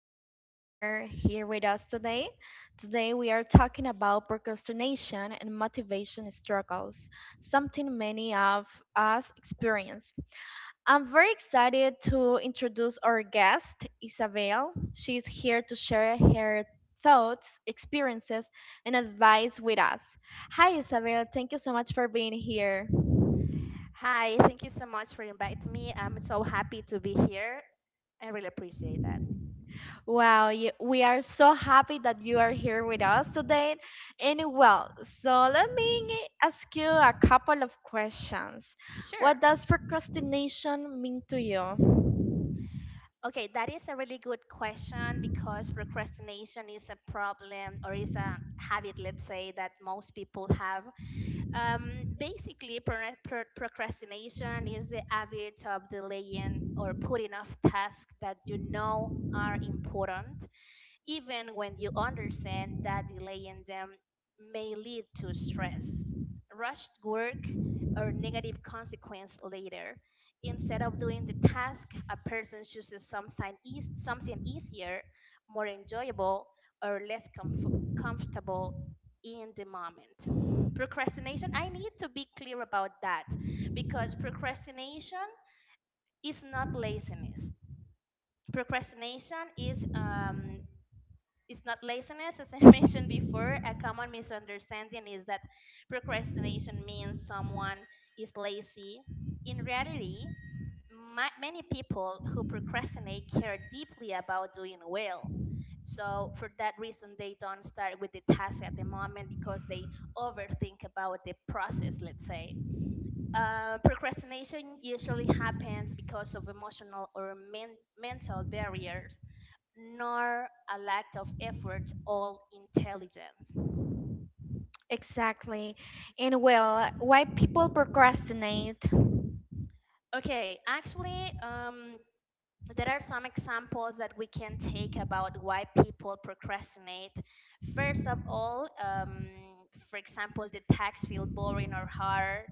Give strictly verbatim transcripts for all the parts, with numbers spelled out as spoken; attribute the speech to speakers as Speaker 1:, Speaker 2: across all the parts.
Speaker 1: happy you are here with us today. Today, we are talking about procrastination and motivation struggles, something many of us experience. I'm very excited to introduce our guest, Isabel. She's here to share her thoughts, experiences, and advice with us. Hi, Isabel. Thank you so much for being here.
Speaker 2: Hi, thank you so much for inviting me. I'm so happy to be here. I really appreciate that.
Speaker 1: Wow, y- we are so happy that you are here with us today. And well, so let me ask you a couple of questions. What
Speaker 2: Sure.
Speaker 1: does procrastination mean to you?
Speaker 2: Okay, that is a really good question because procrastination is a problem or is a habit, let's say, that most people have. Um, basically, pro- pro- procrastination is the habit of delaying or putting off tasks that you know are important even when you understand that delaying them may lead to stress, rushed work, or negative consequence later. Instead of doing the task, a person chooses something, eas- something easier, more enjoyable, or less comf- comfortable in the moment. Procrastination, I need to be clear about that because procrastination is not laziness. Procrastination is um, it's not laziness as I mentioned before. A common misunderstanding is that procrastination means someone is lazy. In reality, ma many people who procrastinate care deeply about doing well, so for that reason they don't start with the task at the moment because they overthink about the process, let's say. Uh, procrastination usually happens because of emotional or men- mental barriers, nor a lack of effort or intelligence.
Speaker 1: Exactly. And well, why people procrastinate?
Speaker 2: Okay, actually, um, there are some examples that we can take about why people procrastinate. First of all, um, for example, the tasks feel boring or hard,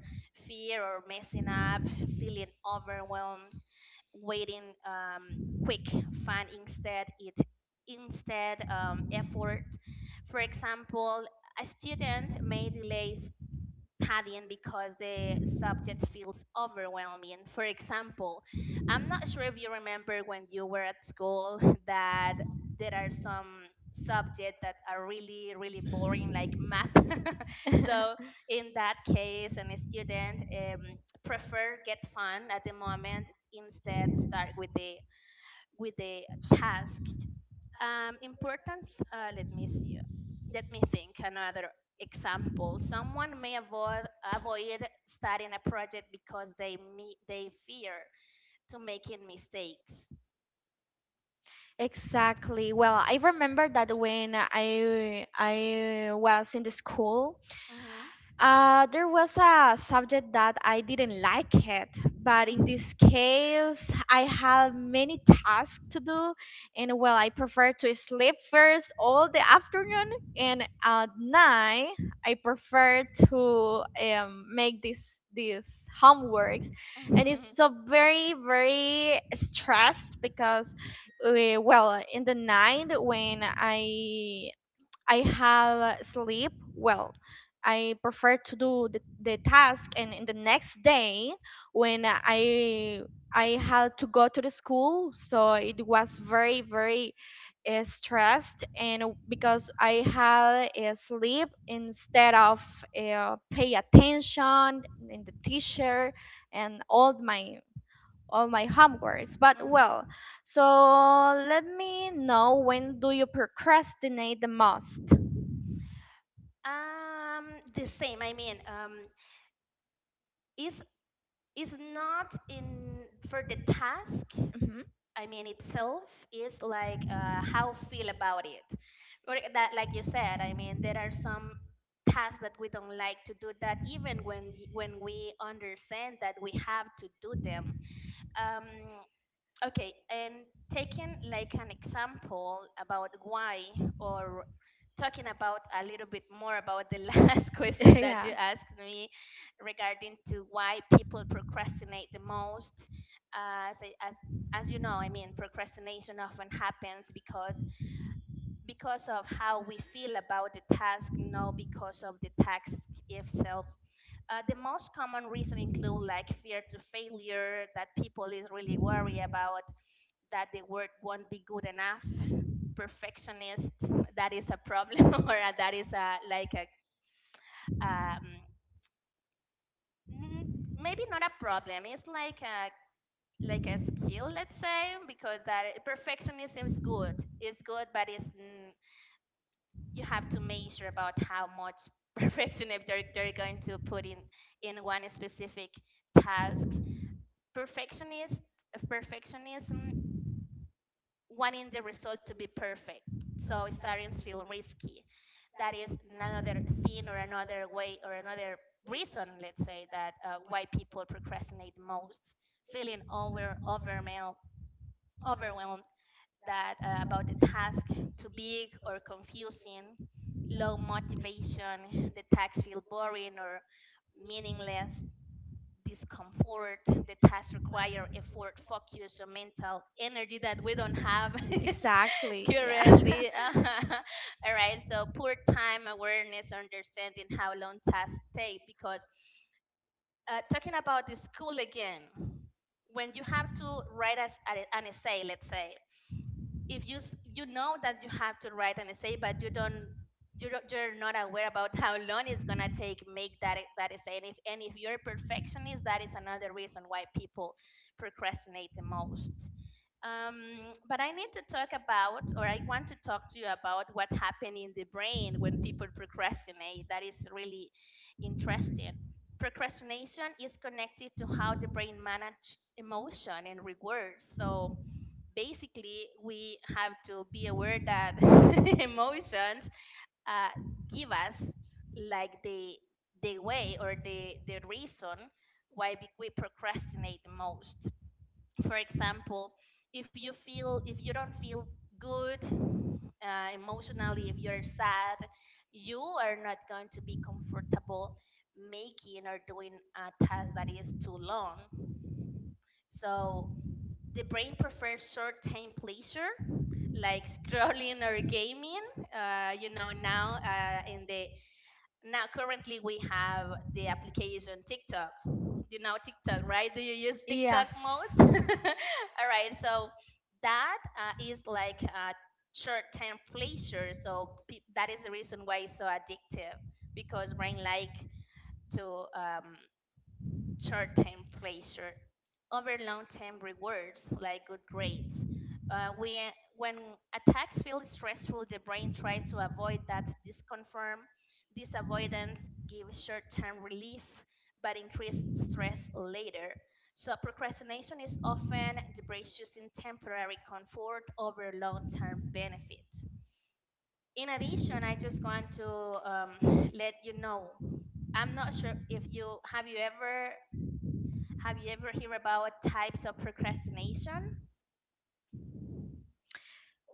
Speaker 2: fear or messing up, feeling overwhelmed, waiting um, quick, fun instead it instead um, effort. For example, a student may delay studying because the subject feels overwhelming. For example, I'm not sure if you remember when you were at school that there are some subjects that are really, really boring, like math. So, in that case, and a student um, prefer get fun at the moment instead start with the with the task um, important. Uh, let me see. Let me think. Another example. Someone may avoid avoid starting a project because they me, they fear to making mistakes.
Speaker 1: Exactly. Well, I remember that when I I was in the school,
Speaker 2: Hmm.
Speaker 1: Uh, there was a subject that I didn't like it, but in this
Speaker 2: Hmm.
Speaker 1: case, I have many tasks to do, and well, I prefer to sleep first all the afternoon, and at night, I prefer to um, make this these homeworks, and it's so very very stressed because, uh, well, in the night when I I have sleep well. I prefer to do the, the task and in the next day when I I had to go to the school, so it was very very uh, stressed and because I had uh, sleep instead of uh, pay attention in the teacher and all my all my homeworks. But
Speaker 2: Mhm.
Speaker 1: well, so let me know, when do you procrastinate the most?
Speaker 2: Um, the same. I mean, um, is is not in for the task.
Speaker 1: Hmm.
Speaker 2: I mean itself is like uh, how feel about it. Or that, like you said, I mean there are some tasks that we don't like to do that even when y- when we understand that we have to do them. Um, Okay, and taking like an example about why, or talking about a little bit more about the last question that
Speaker 1: Yeah,
Speaker 2: you asked me regarding to why people procrastinate the most. Uh, as, I- as as you know, I mean, procrastination often happens because because of how we feel about the task, not because of the task itself. Uh, the most common reason include like fear to failure, that people is really worried about that the work won't be good enough, perfectionist, that is a problem or that is a like a um, maybe not a problem, it's like a like a skill, let's say, because that perfectionism is good, it's good, but it's n- you have to measure about how much perfectionism they're, they're going to put in in one specific task. Perfectionist perfectionism wanting the result to be perfect. So starting to feel risky. That is another thing or another way or another reason, let's say, that uh, why people procrastinate most, feeling over overwhelmed, overwhelmed that uh, about the task too big or confusing, low motivation, the tasks feel boring or meaningless, discomfort, the tasks require effort, focus, or mental energy that we don't have
Speaker 1: exactly. Yeah.
Speaker 2: currently. All right, so poor time awareness, understanding how long tasks take. Because uh, talking about the school again, when you have to write as, a- an essay, let's say, if you s- you know that you have to write an essay, but you don't. You don't, you're not aware about how long it's gonna take make that e- that essay, and if and if you're a perfectionist, that is another reason why people procrastinate the most. Um, but I need to talk about, or I want to talk to you about what happened in the brain when people procrastinate. That is really interesting. Procrastination is connected to how the brain manages emotion and rewards. So basically, we have to be aware that emotions uh, give us like the the way or the the reason why we we procrastinate the most. For example, if you feel, if you don't feel good uh, emotionally, if you're sad, you are not going to be comfortable making or doing a task that is too long, so the brain prefers short-term pleasure like scrolling or gaming. Uh, you know, now, uh, in the now, currently, we have the application TikTok. You know TikTok, right? Do you use TikTok
Speaker 1: Yes.
Speaker 2: most? All right, so that uh, is like a short-term pleasure. So pe- that is the reason why it's so addictive, because brain like to um, short-term pleasure over long-term rewards like good grades. Uh, we, uh, when a task feels stressful, the brain tries to avoid that disconfirm. This avoidance gives short-term relief but increased stress later. So procrastination is often the brain choosing temporary comfort over long-term benefits. In addition, I just want to um, let you know, I'm not sure if you have, you ever have you ever heard about types of procrastination?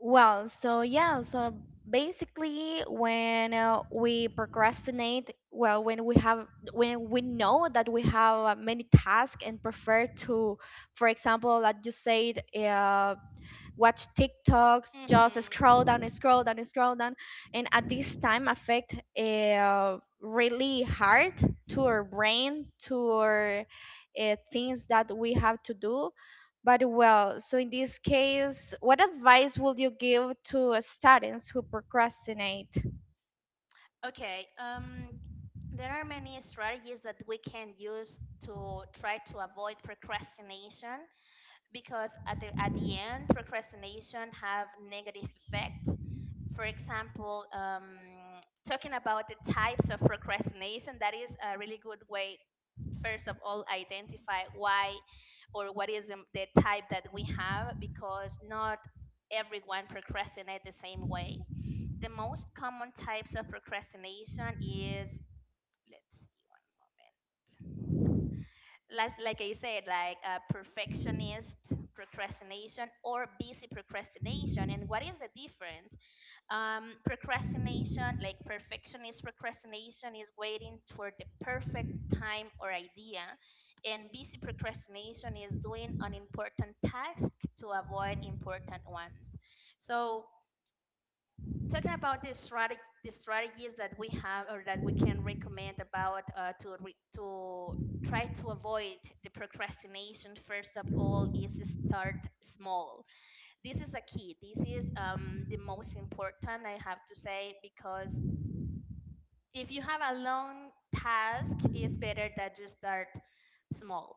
Speaker 1: Well, so yeah, so basically when uh, we procrastinate, well, when we have when we know that we have uh, many tasks and prefer to, for example, that you said, uh, watch TikToks, just scroll down
Speaker 2: Mm-hmm.
Speaker 1: and scroll down and scroll down, and at this time affect uh, really hard to our brain, to our uh, things that we have to do. But well, so in this case, what advice would you give to uh, students who procrastinate?
Speaker 2: Okay, um, there are many strategies that we can use to try to avoid procrastination because at the at the end, procrastination have negative effect. For example, um, talking about the types of procrastination, that is a really good way, first of all, identify why or what is the, the type that we have, because not everyone procrastinate the same way. The most common types of procrastination is, let's see one moment, like, like I said, like uh, perfectionist procrastination or busy procrastination. And what is the difference? Um, procrastination, like Perfectionist procrastination is waiting for the perfect time or idea, and busy procrastination is doing unimportant tasks to avoid important ones. So, talking about the strategy, the strategies that we have or that we can recommend about uh, to re- to try to avoid the procrastination, first of all, is start small. This is a key. This is um, the most important, I have to say, because if you have a long task, it's better that you start small.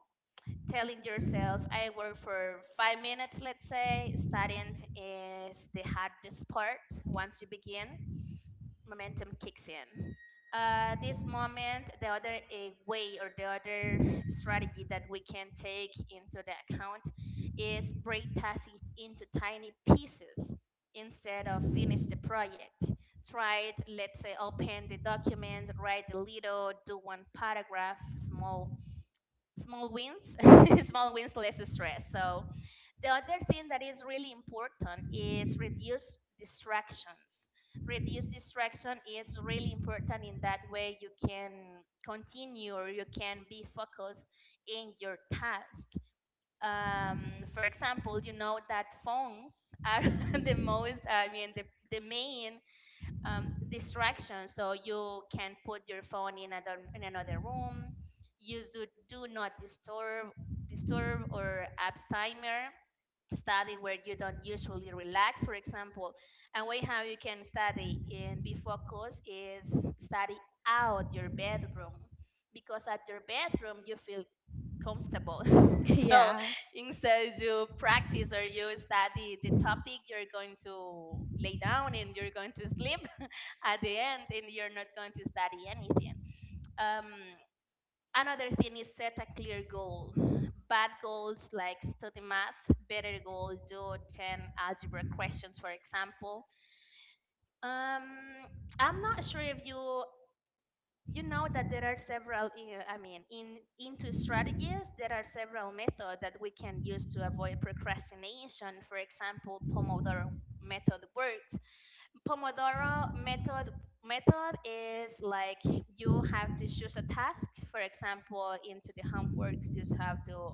Speaker 2: Telling yourself, I work for five minutes, let's say, starting is the hardest part. Once you begin, momentum kicks in. Uh, this moment, the other a way or the other strategy that we can take into the account is break tasks into tiny pieces instead of finish the project. Try, it, let's say, open the document, write a little, do one paragraph, small, small wins, small wins, less stress. So the other thing that is really important is reduce distractions. Reduce distraction is really important. In that way you can continue or you can be focused in your task. Um, for example, you know that phones are the most, I mean, the, the main um, distraction. So you can put your phone in another, in another room, use do, do not disturb, disturb or apps timer, study where you don't usually relax, for example. And way how you can study and be focused is study out your bedroom, because at your bedroom you feel comfortable. So
Speaker 1: Yeah,
Speaker 2: instead you practice or you study the topic, you're going to lay down and you're going to sleep at the end, and you're not going to study anything. Um, Another thing is set a clear goal. Bad goals like study math, better goal do ten algebra questions, for example. Um, I'm not sure if you you know that there are several uh, i mean in into strategies, there are several methods that we can use to avoid procrastination. For example, pomodoro method works. Pomodoro method method is like you have to choose a task. For example, into the homeworks, you have to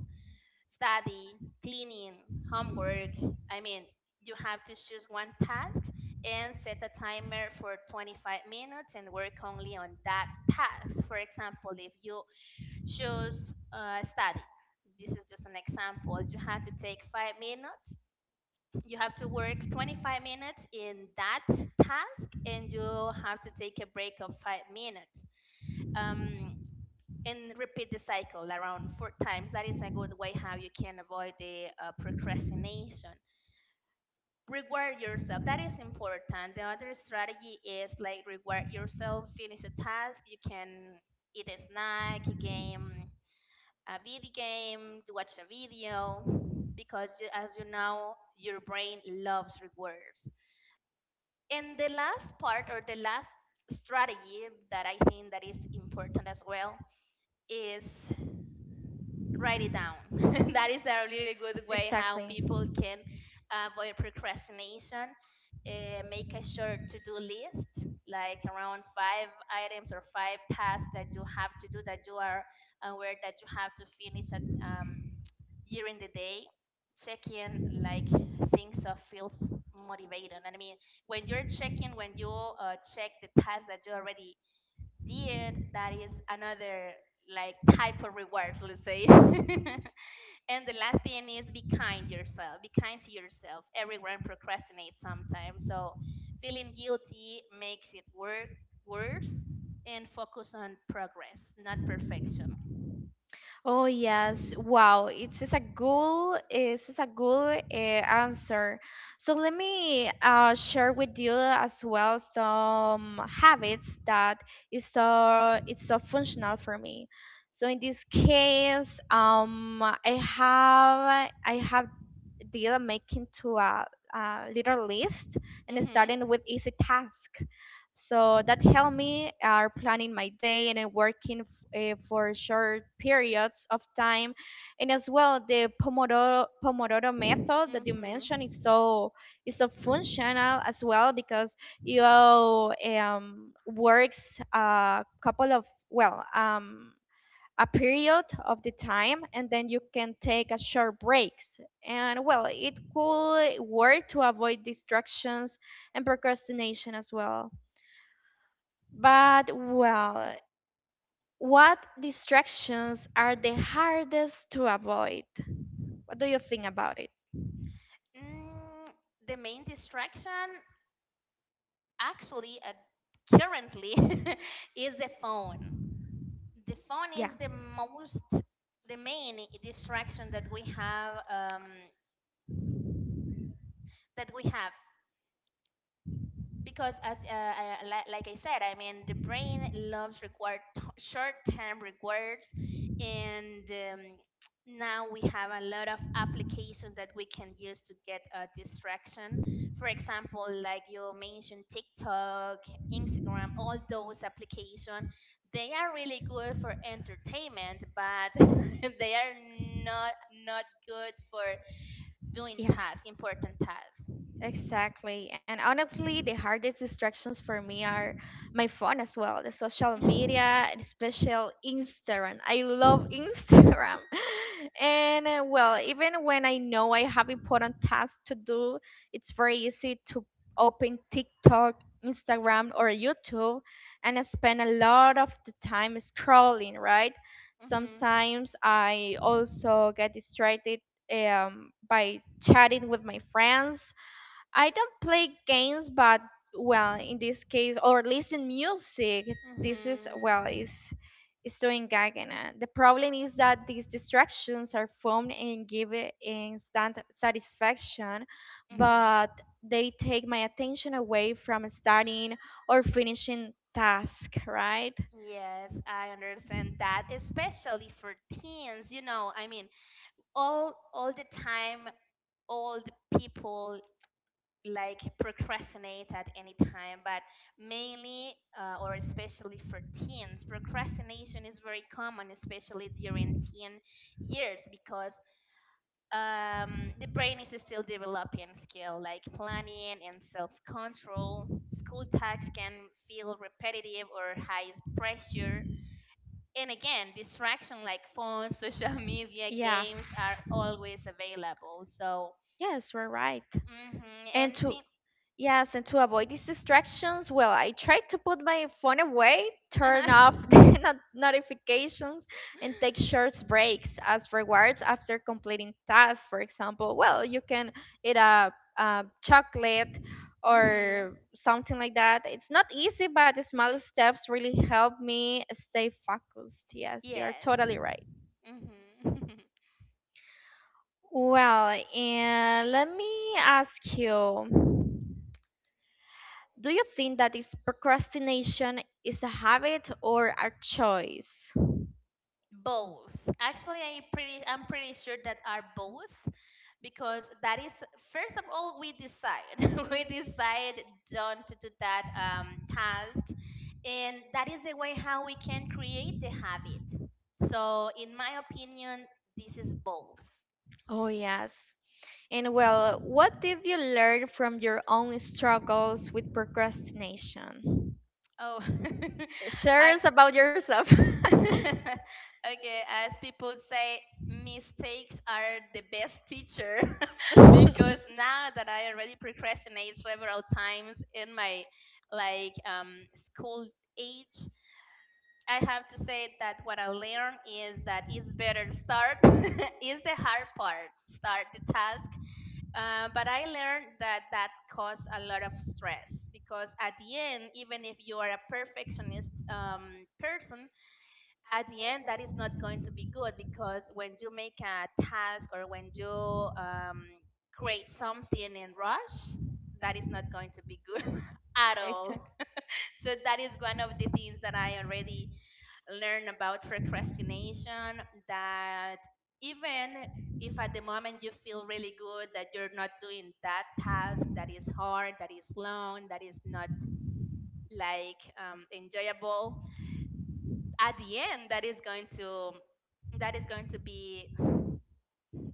Speaker 2: study, cleaning, homework. I mean, you have to choose one task and set a timer for twenty-five minutes and work only on that task. For example, if you choose uh, study, this is just an example. You have to take five minutes, you have to work twenty-five minutes in that task, and you have to take a break of five minutes um, and repeat the cycle around four times. That is a good way how you can avoid the uh, procrastination. Reward yourself, that is important. The other strategy is like reward yourself, finish a task, you can eat a snack, a game, a video game, watch a video, because you, as you know, your brain loves rewards. And the last part or the last strategy that I think that is important as well is write it down. That is a really good way how
Speaker 1: exactly.
Speaker 2: people can avoid procrastination. Uh, make a short to-do list, like around five items or five tasks that you have to do, that you are aware that you have to finish at um, during the day. Checking like things that feels motivating, and I mean, when you're checking, when you uh, check the tasks that you already did, that is another like type of rewards, let's say. And the last thing is be kind yourself, be kind to yourself. Everyone procrastinates sometimes, so feeling guilty makes it work worse, and focus on progress, not perfection.
Speaker 1: Oh yes, wow, it is a good, it is a good uh, answer. So let me uh, share with you as well some habits that is so it's so functional for me. So in this case, um, I have I have did make into a, a little list and
Speaker 2: hmm
Speaker 1: starting with easy task. So that helped me are planning my day and then working f- uh, for short periods of time. And as well, the Pomodoro, Pomodoro method that you mentioned is
Speaker 2: Mm-hmm.
Speaker 1: so is so functional as well because you um, works a couple of well um, a period of the time and then you can take a short breaks and well it could work to avoid distractions and procrastination as well. But well, what distractions are the hardest to avoid? What do you think about it?
Speaker 2: Mm, the main distraction actually, uh, currently, is the phone. The phone
Speaker 1: Yeah.
Speaker 2: is the most, the main distraction that we have, um, that we have. Because as uh, I- li- like I said, I mean, the brain loves required t- short-term rewards, and um, now we have a lot of applications that we can use to get a distraction, for example, like you mentioned, TikTok, Instagram, all those applications, they are really good for entertainment, but they are not not good for doing
Speaker 1: Yes.
Speaker 2: tasks, important tasks.
Speaker 1: Exactly. And honestly, the hardest distractions for me are my phone as well, the social media, and especially Instagram. I love Instagram. And uh, well, even when I know I have important tasks to do, it's very easy to open TikTok, Instagram, or YouTube and I spend a lot of the time scrolling, right?
Speaker 2: Mhm.
Speaker 1: Sometimes I also get distracted um, by chatting with my friends. I don't play games, but well, in this case, or listen music.
Speaker 2: Mhm.
Speaker 1: This is well is is doing Gagana. The problem is that these distractions are formed and give it instant satisfaction,
Speaker 2: Mhm.
Speaker 1: but they take my attention away from studying or finishing task, right?
Speaker 2: Yes, I understand that, especially for teens, you know, I mean, all all the time, all the people like procrastinate at any time, but mainly, uh, or especially for teens, procrastination is very common, especially during teen years, because um, the brain is still developing skill like planning and self-control, school tasks can feel repetitive or high pressure, and again, distraction like phones, social media,
Speaker 1: Yes.
Speaker 2: games, are always available. So
Speaker 1: Yes, we're right.
Speaker 2: hmm
Speaker 1: And
Speaker 2: and
Speaker 1: to yes, and to avoid these distractions, well, I try to put my phone away, turn
Speaker 2: thi-
Speaker 1: off the not- notifications, and take short breaks as rewards after completing tasks. For example, well, you can eat a, a chocolate
Speaker 2: hmm
Speaker 1: or something like that. It's not easy, but the small steps really help me stay focused. Yes, you are
Speaker 2: yes.
Speaker 1: totally right.
Speaker 2: hmm
Speaker 1: Well, and let me ask you. Do you think that is procrastination is a habit or a choice?
Speaker 2: Both, actually. I pretty, i'm pretty sure that are both, because that is, first of all, we decide we decide don't to do that um, task, and that is the way how we can create the habit. So in my opinion, this is both.
Speaker 1: Oh yes. And well, what did you learn from your own struggles with procrastination?
Speaker 2: Oh,
Speaker 1: Share
Speaker 2: I,
Speaker 1: us
Speaker 2: ex-
Speaker 1: about yourself.
Speaker 2: okay, as people say, mistakes are the best teacher. Because now that I already procrastinate several times in my like um, school age, I have to say that what I learned is that it's better start, is the hard part, start the task. Uh, but I learned that that caused a lot of stress because at the end, even if you are a perfectionist um, person, at the end that is not going to be good, because when you make a task or when you um, create something in rush, that is not going to be good at all.
Speaker 1: Exactly.
Speaker 2: So that is one of the things that I already learn about procrastination, that even if at the moment you feel really good that you're not doing that task, that is hard, that is long, that is not like um, enjoyable, at the end that is going to, that is going to be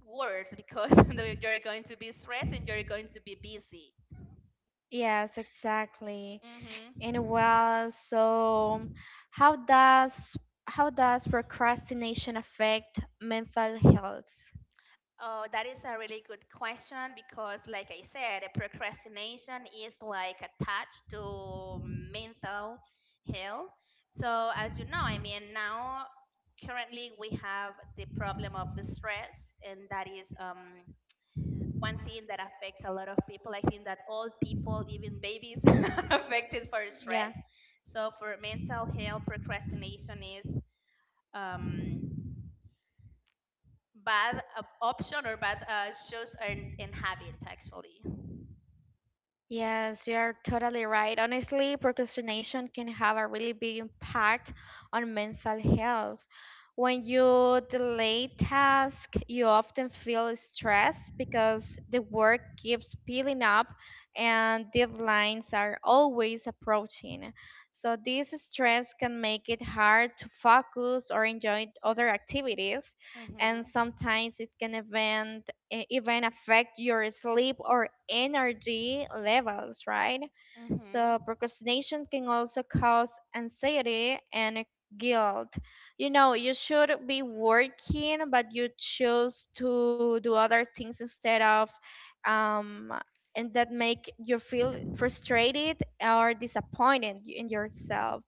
Speaker 2: worse because you're going to be stressed and you're going to be busy.
Speaker 1: Yes, exactly.
Speaker 2: Mm-hmm.
Speaker 1: And well, so how does how does procrastination affect mental health?
Speaker 2: Oh, that is a really good question, because like I said, procrastination is like attached to mental health. So as you know, I mean, now currently we have the problem of stress, and that is um, one thing that affects a lot of people. I think that all people, even babies, are affected for
Speaker 1: Yeah.
Speaker 2: stress. So for mental health, procrastination is, Um, bad uh, option or bad uh, shows and, and habit actually.
Speaker 1: Yes, you're totally right. Honestly, procrastination can have a really big impact on mental health. When you delay tasks, you often feel stressed because the work keeps piling up and deadlines are always approaching. So, this stress can make it hard to focus or enjoy other activities and
Speaker 2: Mm-hmm.
Speaker 1: sometimes it can even e, even affect your sleep or energy levels, right?
Speaker 2: Mm-hmm.
Speaker 1: So procrastination can also cause anxiety and guilt. You know, you should be working, but you choose to do other things instead of um, and that make you feel frustrated or disappointed in yourself.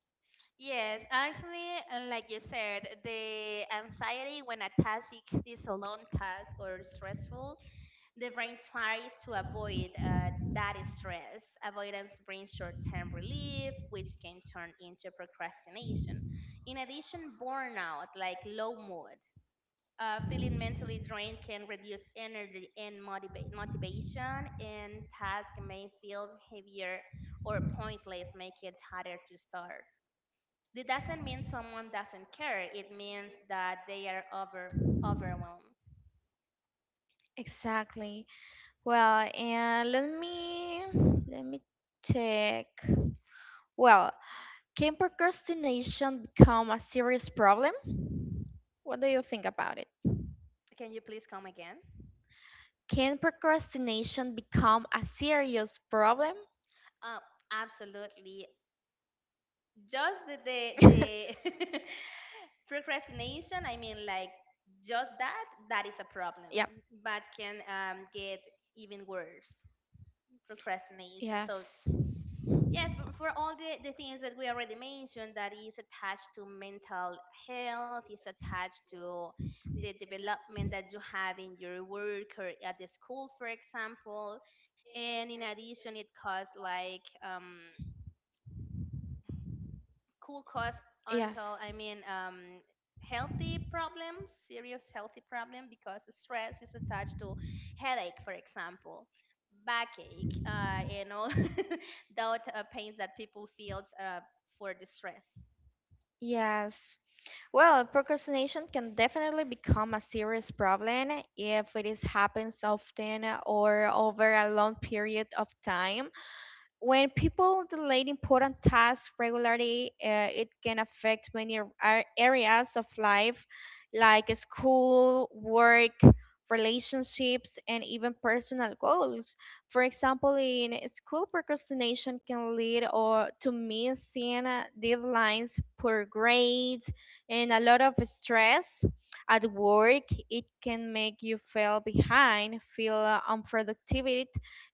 Speaker 2: Yes, actually, uh, like you said, the anxiety, when a task is is a long task or stressful, the brain tries to avoid uh, that stress. Avoidance brings short term relief, which can turn into procrastination. In addition, burnout, like low mood. Uh, feeling mentally drained can reduce energy and motivate motivation, and tasks may feel heavier or pointless, making it harder to start. It doesn't mean someone doesn't care. It means that they are over overwhelmed.
Speaker 1: Exactly. Well, and let me let me check. Well, can procrastination become a serious problem? What do you think about it?
Speaker 2: Can you please come again?
Speaker 1: Can procrastination become a serious problem?
Speaker 2: Uh, Absolutely. Just the the, the procrastination. I mean, like just that. That is a problem,
Speaker 1: Yep.
Speaker 2: but can um, get even worse procrastination. So
Speaker 1: Yes.
Speaker 2: yes, but for all the, the things that we already mentioned, that is attached to mental health, is attached to the development that you have in your work or at the school, for example. And in addition, it costs like um, could cause, until I
Speaker 1: Yes.
Speaker 2: mean, um, healthy problems, serious healthy problem, because stress is attached to headache, for example, backache, uh, and all that uh, pains that people feel uh, for the stress.
Speaker 1: Yes. Well, procrastination can definitely become a serious problem if it is happens often or over a long period of time. When people delay important tasks regularly, uh, it can affect many ar- ar- areas of life, like school, work, relationships, and even personal goals. For example, in school, procrastination can lead or to missing uh, deadlines, poor grades, and a lot of stress. At work, it can make you feel behind, feel uh, unproductivity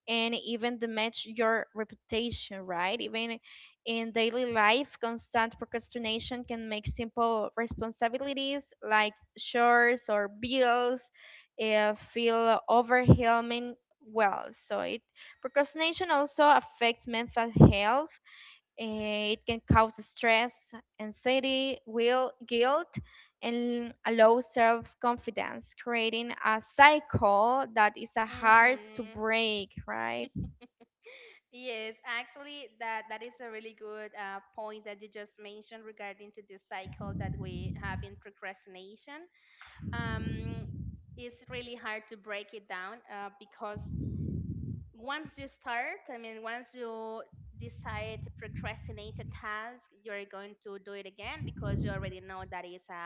Speaker 1: and even damage your reputation, right? Even in daily life, constant procrastination can make simple responsibilities like chores or bills uh, feel overwhelming. Well, so it procrastination also affects mental health. Eh, It can cause stress, anxiety, will, guilt, and a low self-confidence, creating a cycle that is a hard to
Speaker 2: Mhm.
Speaker 1: break, right?
Speaker 2: Yes, actually, that that is a really good uh, point that you just mentioned regarding to the cycle that we have in procrastination. um, it's really hard to break it down, uh, because once you start, I mean, once you decide to procrastinate a task, you're going to do it again, because you already know that is a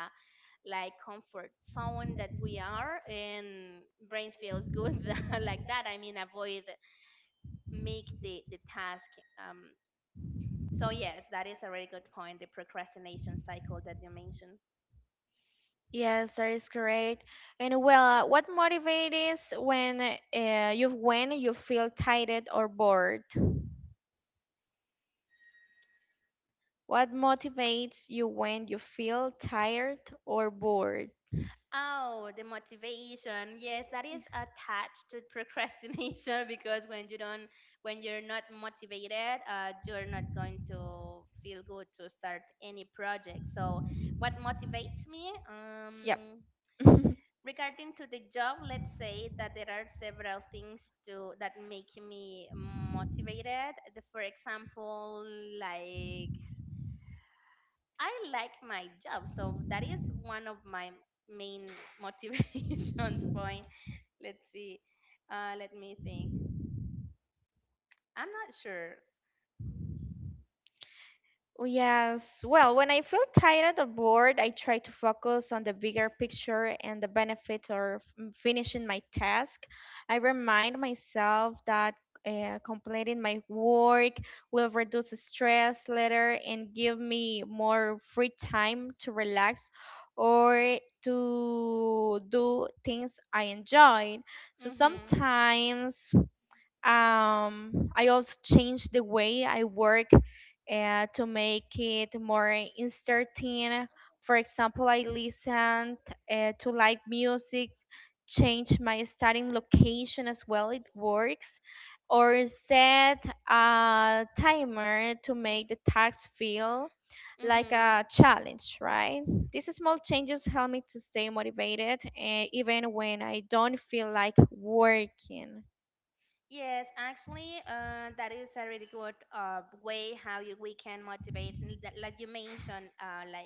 Speaker 2: like comfort zone that we are, and brain feels good like that. I mean, avoid make the the task. Um, so yes, that is a really good point. The procrastination cycle that you mentioned.
Speaker 1: Yes, that is correct. And well, uh, what motivates when uh, you when you feel tired or bored? What motivates you when you feel tired or bored?
Speaker 2: Oh, the motivation. Yes, that is attached to procrastination because when you don't, when you're not motivated, uh, you're not going to feel good to start any project. So what motivates me?
Speaker 1: Yep.
Speaker 2: Um, regarding to the job, let's say that there are several things to that make me motivated. The- For example, like I like my job, so that is one of my main motivation point. Let's see. Uh, let me think. I'm not sure.
Speaker 1: Oh, yes. Well, when I feel tired or bored, I try to focus on the bigger picture and the benefits of f- finishing my task. I remind myself that uh, completing my work will reduce stress later and give me more free time to relax or to do things I enjoy. So
Speaker 2: Mm-hmm.
Speaker 1: sometimes um, I also changed the way I work uh, to make it more interesting. For example, I listened uh, to live music, change my studying location as well. It works, or set a timer to make the task feel like
Speaker 2: Mm-hmm.
Speaker 1: a challenge. Right? These small changes help me to stay motivated, uh, even when I don't feel like working.
Speaker 2: Yes, actually, uh, that is a really good uh, way how you, we can motivate. and that- Like you mentioned, uh, like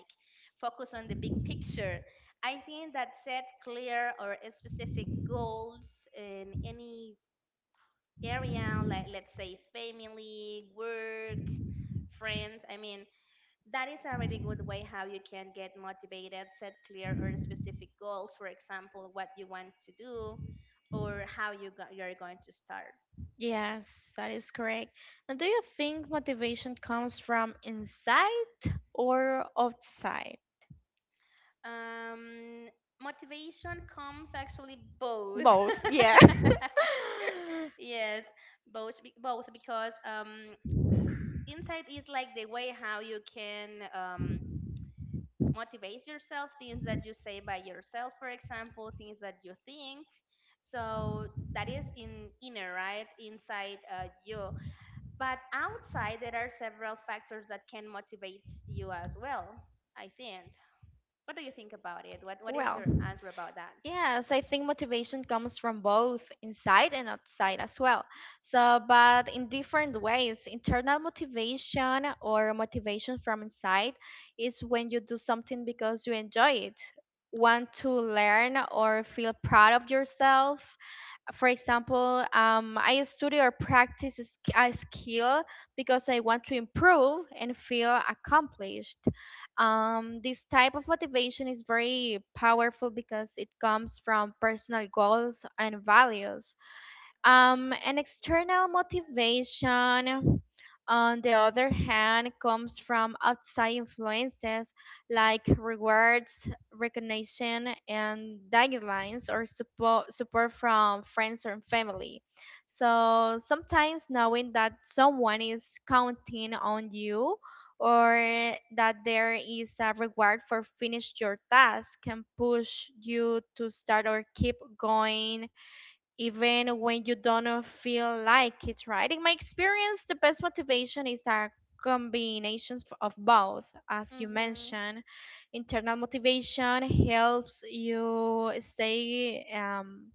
Speaker 2: focus on the big picture. I think that set clear or specific goals in any area, like let's say family, work, friends. I mean, that is a really good way how you can get motivated, set clear or specific goals, for example, what you want to do or how you go- you're going to start.
Speaker 1: Yes, that is correct. And do you think motivation comes from inside or outside?
Speaker 2: Um, Motivation comes actually both.
Speaker 1: Both, yeah.
Speaker 2: Yes, both, be- both, because um, insight is like the way how you can um, motivate yourself, things that you say by yourself, for example, things that you think, so that is in inner right inside uh, you, but outside there are several factors that can motivate you as well. I think, what do you think about it? What what is your
Speaker 1: Well,
Speaker 2: answer about that?
Speaker 1: yes, I think motivation comes from both inside and outside as well. So, but in different ways, internal motivation or motivation from inside is when you do something because you enjoy it, want to learn or feel proud of yourself, for example, um, I study or practice a sk- a skill because I want to improve and feel accomplished. Um, this type of motivation is very powerful because it comes from personal goals and values. Um, and external motivation, on the other hand, comes from outside influences like rewards, recognition, and guidelines or support, support from friends or family. So sometimes knowing that someone is counting on you or that there is a reward for finish your task can push you to start or keep going even when you don't feel like it, right? In my experience, the best motivation is a combination f- of both, as you
Speaker 2: Mhm.
Speaker 1: mentioned. Internal motivation helps you stay um,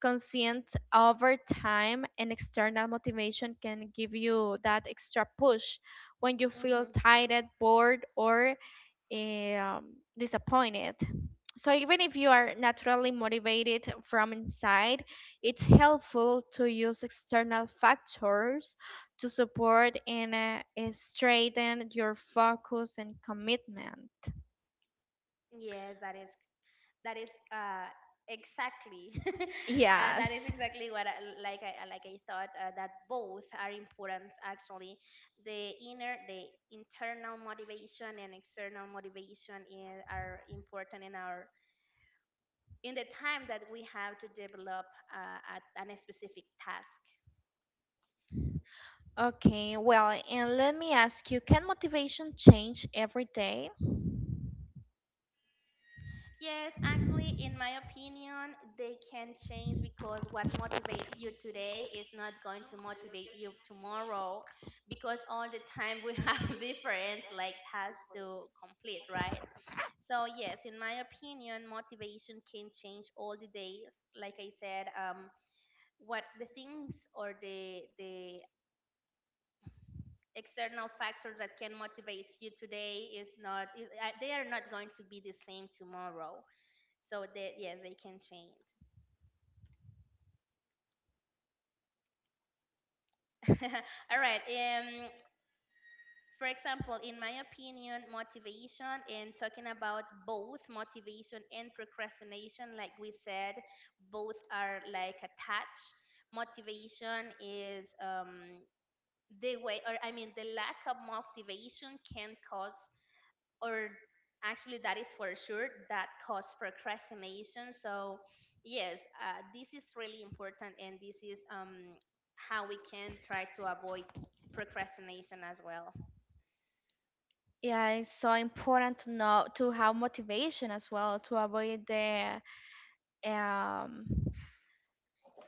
Speaker 1: conscient over time, and external motivation can give you that extra push when you
Speaker 2: Mhm.
Speaker 1: feel tired, bored, or um, disappointed. So even if you are naturally motivated from inside, it's helpful to use external factors to support and uh, uh, strengthen your focus and commitment.
Speaker 2: Yes, that is, that is uh, exactly, uh, that
Speaker 1: Yes.
Speaker 2: is exactly what I, like I like I thought, uh, that both are important actually, the inner, the internal motivation and external motivation i- are important in our in the time that we have to develop uh, at, an specific task.
Speaker 1: Okay, well, and let me ask you, can motivation change every day?
Speaker 2: Yes, actually, in my opinion, they can change, because what motivates you today is not going to motivate you tomorrow, because all the time we have different like tasks to complete, right? So yes, in my opinion, motivation can change all the days. Like I said, um, what the things or the the external factors that can motivate you today is not is, uh, they are not going to be the same tomorrow, so that, yes, they can change. All right. Um, for example, in my opinion, motivation and talking about both motivation and procrastination, like we said, both are like attached. Motivation is um, the way, or I mean, the lack of motivation can cause, or actually that is for sure that cause procrastination. So yes, uh, this is really important, and this is um, how we can try to avoid procrastination as well.
Speaker 1: Yeah, it's so important to know to have motivation as well to avoid the um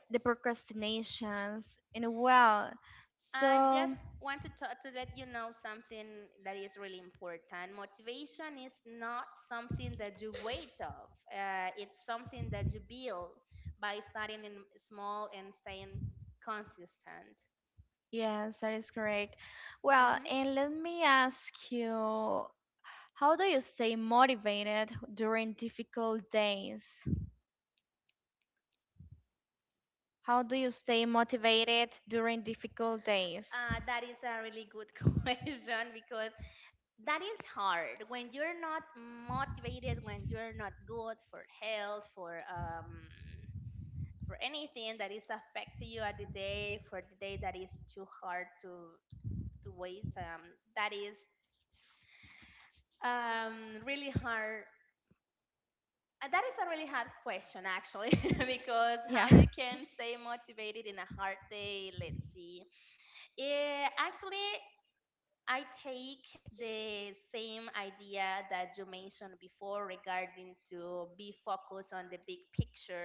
Speaker 1: the procrastinations in a well.
Speaker 2: I just
Speaker 1: So
Speaker 2: want to talk to let you know something that is really important: motivation is not something that you wait of, uh, it's something that you build by starting in small and staying consistent.
Speaker 1: yes, that is correct.
Speaker 2: Mhm.
Speaker 1: Well, and let me ask you, how do you stay motivated during difficult days? How do you stay motivated during difficult days?
Speaker 2: Uh, that is a really good question, because that is hard when you're not motivated, when you're not good for health, for um, for anything that is affecting you at the day, for the day, that is too hard to to wait. Um, that is um, really hard. Uh, That is a really hard question actually, because how
Speaker 1: Yeah.
Speaker 2: you can stay motivated in a hard day? Let's see. Yeah, actually, I take the same idea that you mentioned before regarding to be focused on the big picture,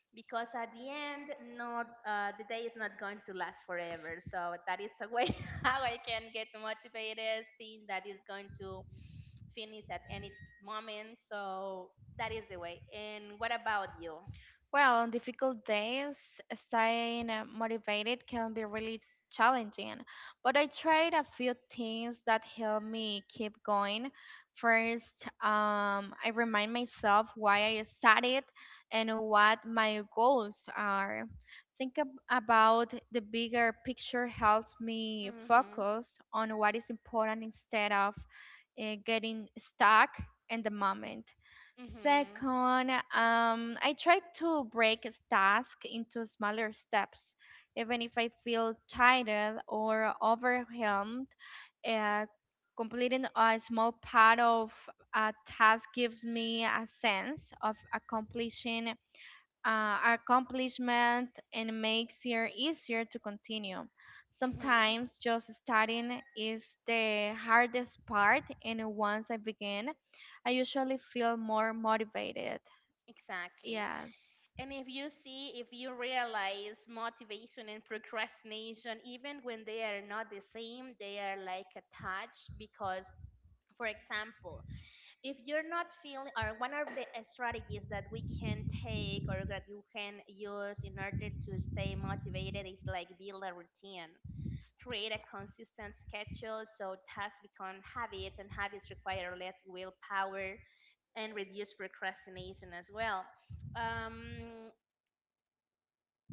Speaker 2: because at the end, not uh, the day is not going to last forever, so that is a way how I can get motivated, thing that is going to finish at any moment. So that is the way. And what about you?
Speaker 1: Well, on difficult days, staying uh, motivated can be really challenging, but I tried a few things that help me keep going. First, um, I remind myself why I started and what my goals are. Think ab- about the bigger picture helps me
Speaker 2: Mhm.
Speaker 1: focus on what is important instead of uh, getting stuck in the moment.
Speaker 2: Mhm.
Speaker 1: Second, um, I try to break a task into smaller steps, even if I feel tired or overwhelmed. Uh, Completing a small part of a task gives me a sense of accomplishing uh, accomplishment and makes it easier to continue.
Speaker 2: Mhm.
Speaker 1: Sometimes just starting is the hardest part, and once I begin, I usually feel more motivated.
Speaker 2: Exactly.
Speaker 1: Yes.
Speaker 2: And if you see, if you realize, motivation and procrastination, even when they are not the same, they are like attached, because, for example, if you're not feeling, or one of the uh, strategies that we can take or that you can use in order to stay motivated is like build a routine, create a consistent schedule, so tasks become habits, and habits require less willpower and reduce procrastination as well. um,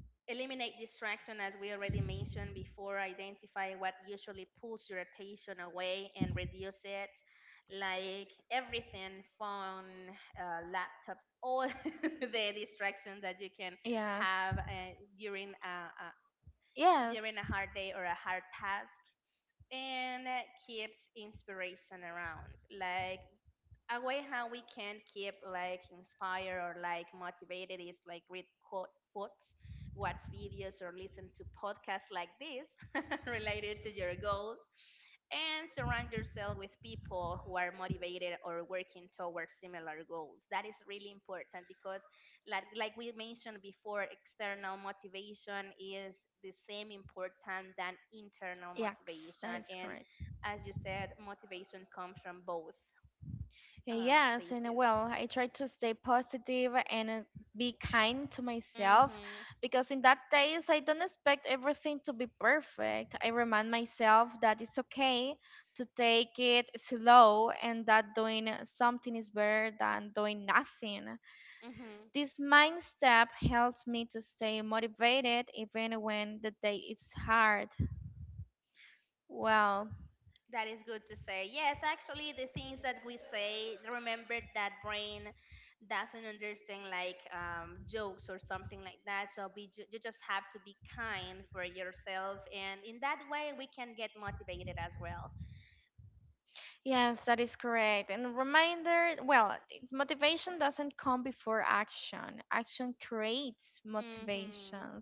Speaker 2: Eliminate distraction, as we already mentioned before. Identify what usually pulls your attention away and reduce it, like everything, phone, uh, laptops, all the distractions that you can
Speaker 1: Yes.
Speaker 2: have uh, during, a, a,
Speaker 1: Yes.
Speaker 2: during a hard day or a hard task. And uh, keeps inspiration around. Like a way how we can keep like inspired or like motivated is like read quote, quotes, watch videos, or listen to podcasts like this, related to your goals, and surround yourself with people who are motivated or working towards similar goals. That is really important, because like like we mentioned before, external motivation is the same important than internal
Speaker 1: Yes,
Speaker 2: motivation,
Speaker 1: that is
Speaker 2: and
Speaker 1: correct.
Speaker 2: as you said, motivation comes from both um,
Speaker 1: Okay, yes,
Speaker 2: places.
Speaker 1: and uh, well, I try to stay positive and uh, be kind to myself
Speaker 2: Mhm.
Speaker 1: because in that days I don't expect everything to be perfect. I remind myself that it's okay to take it slow and that doing something is better than doing nothing.
Speaker 2: Mhm.
Speaker 1: This mind step helps me to stay motivated even when the day is hard. Well,
Speaker 2: That is good to say. Yes, actually, the things that we say, remember that brain doesn't understand like um, jokes or something like that. So be ju- you just have to be kind for yourself, and in that way, we can get motivated as well.
Speaker 1: yes, that is correct. And reminder, well, it's motivation doesn't come before action. Action creates
Speaker 2: Mhm.
Speaker 1: motivation.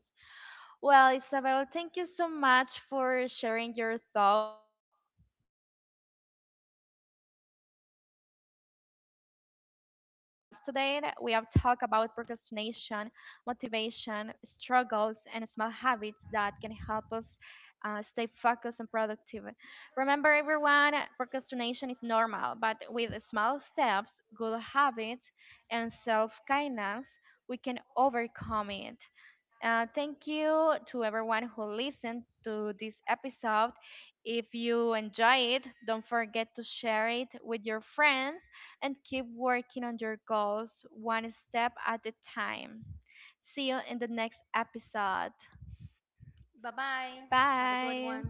Speaker 1: Well, Isabel, thank you so much for sharing your thoughts, experiences, and tips with us today. We have talked about procrastination, motivation, struggles, and small habits that can help us uh, stay focused and productive. Remember, everyone, procrastination is normal, but with small steps, good habits, and self kindness, we can overcome it. Uh, thank you to everyone who listened to this episode. If you enjoy it, don't forget to share it with your friends and keep working on your goals one step at a time. See you in the next episode.
Speaker 2: Bye bye. Have a good one.
Speaker 1: Bye.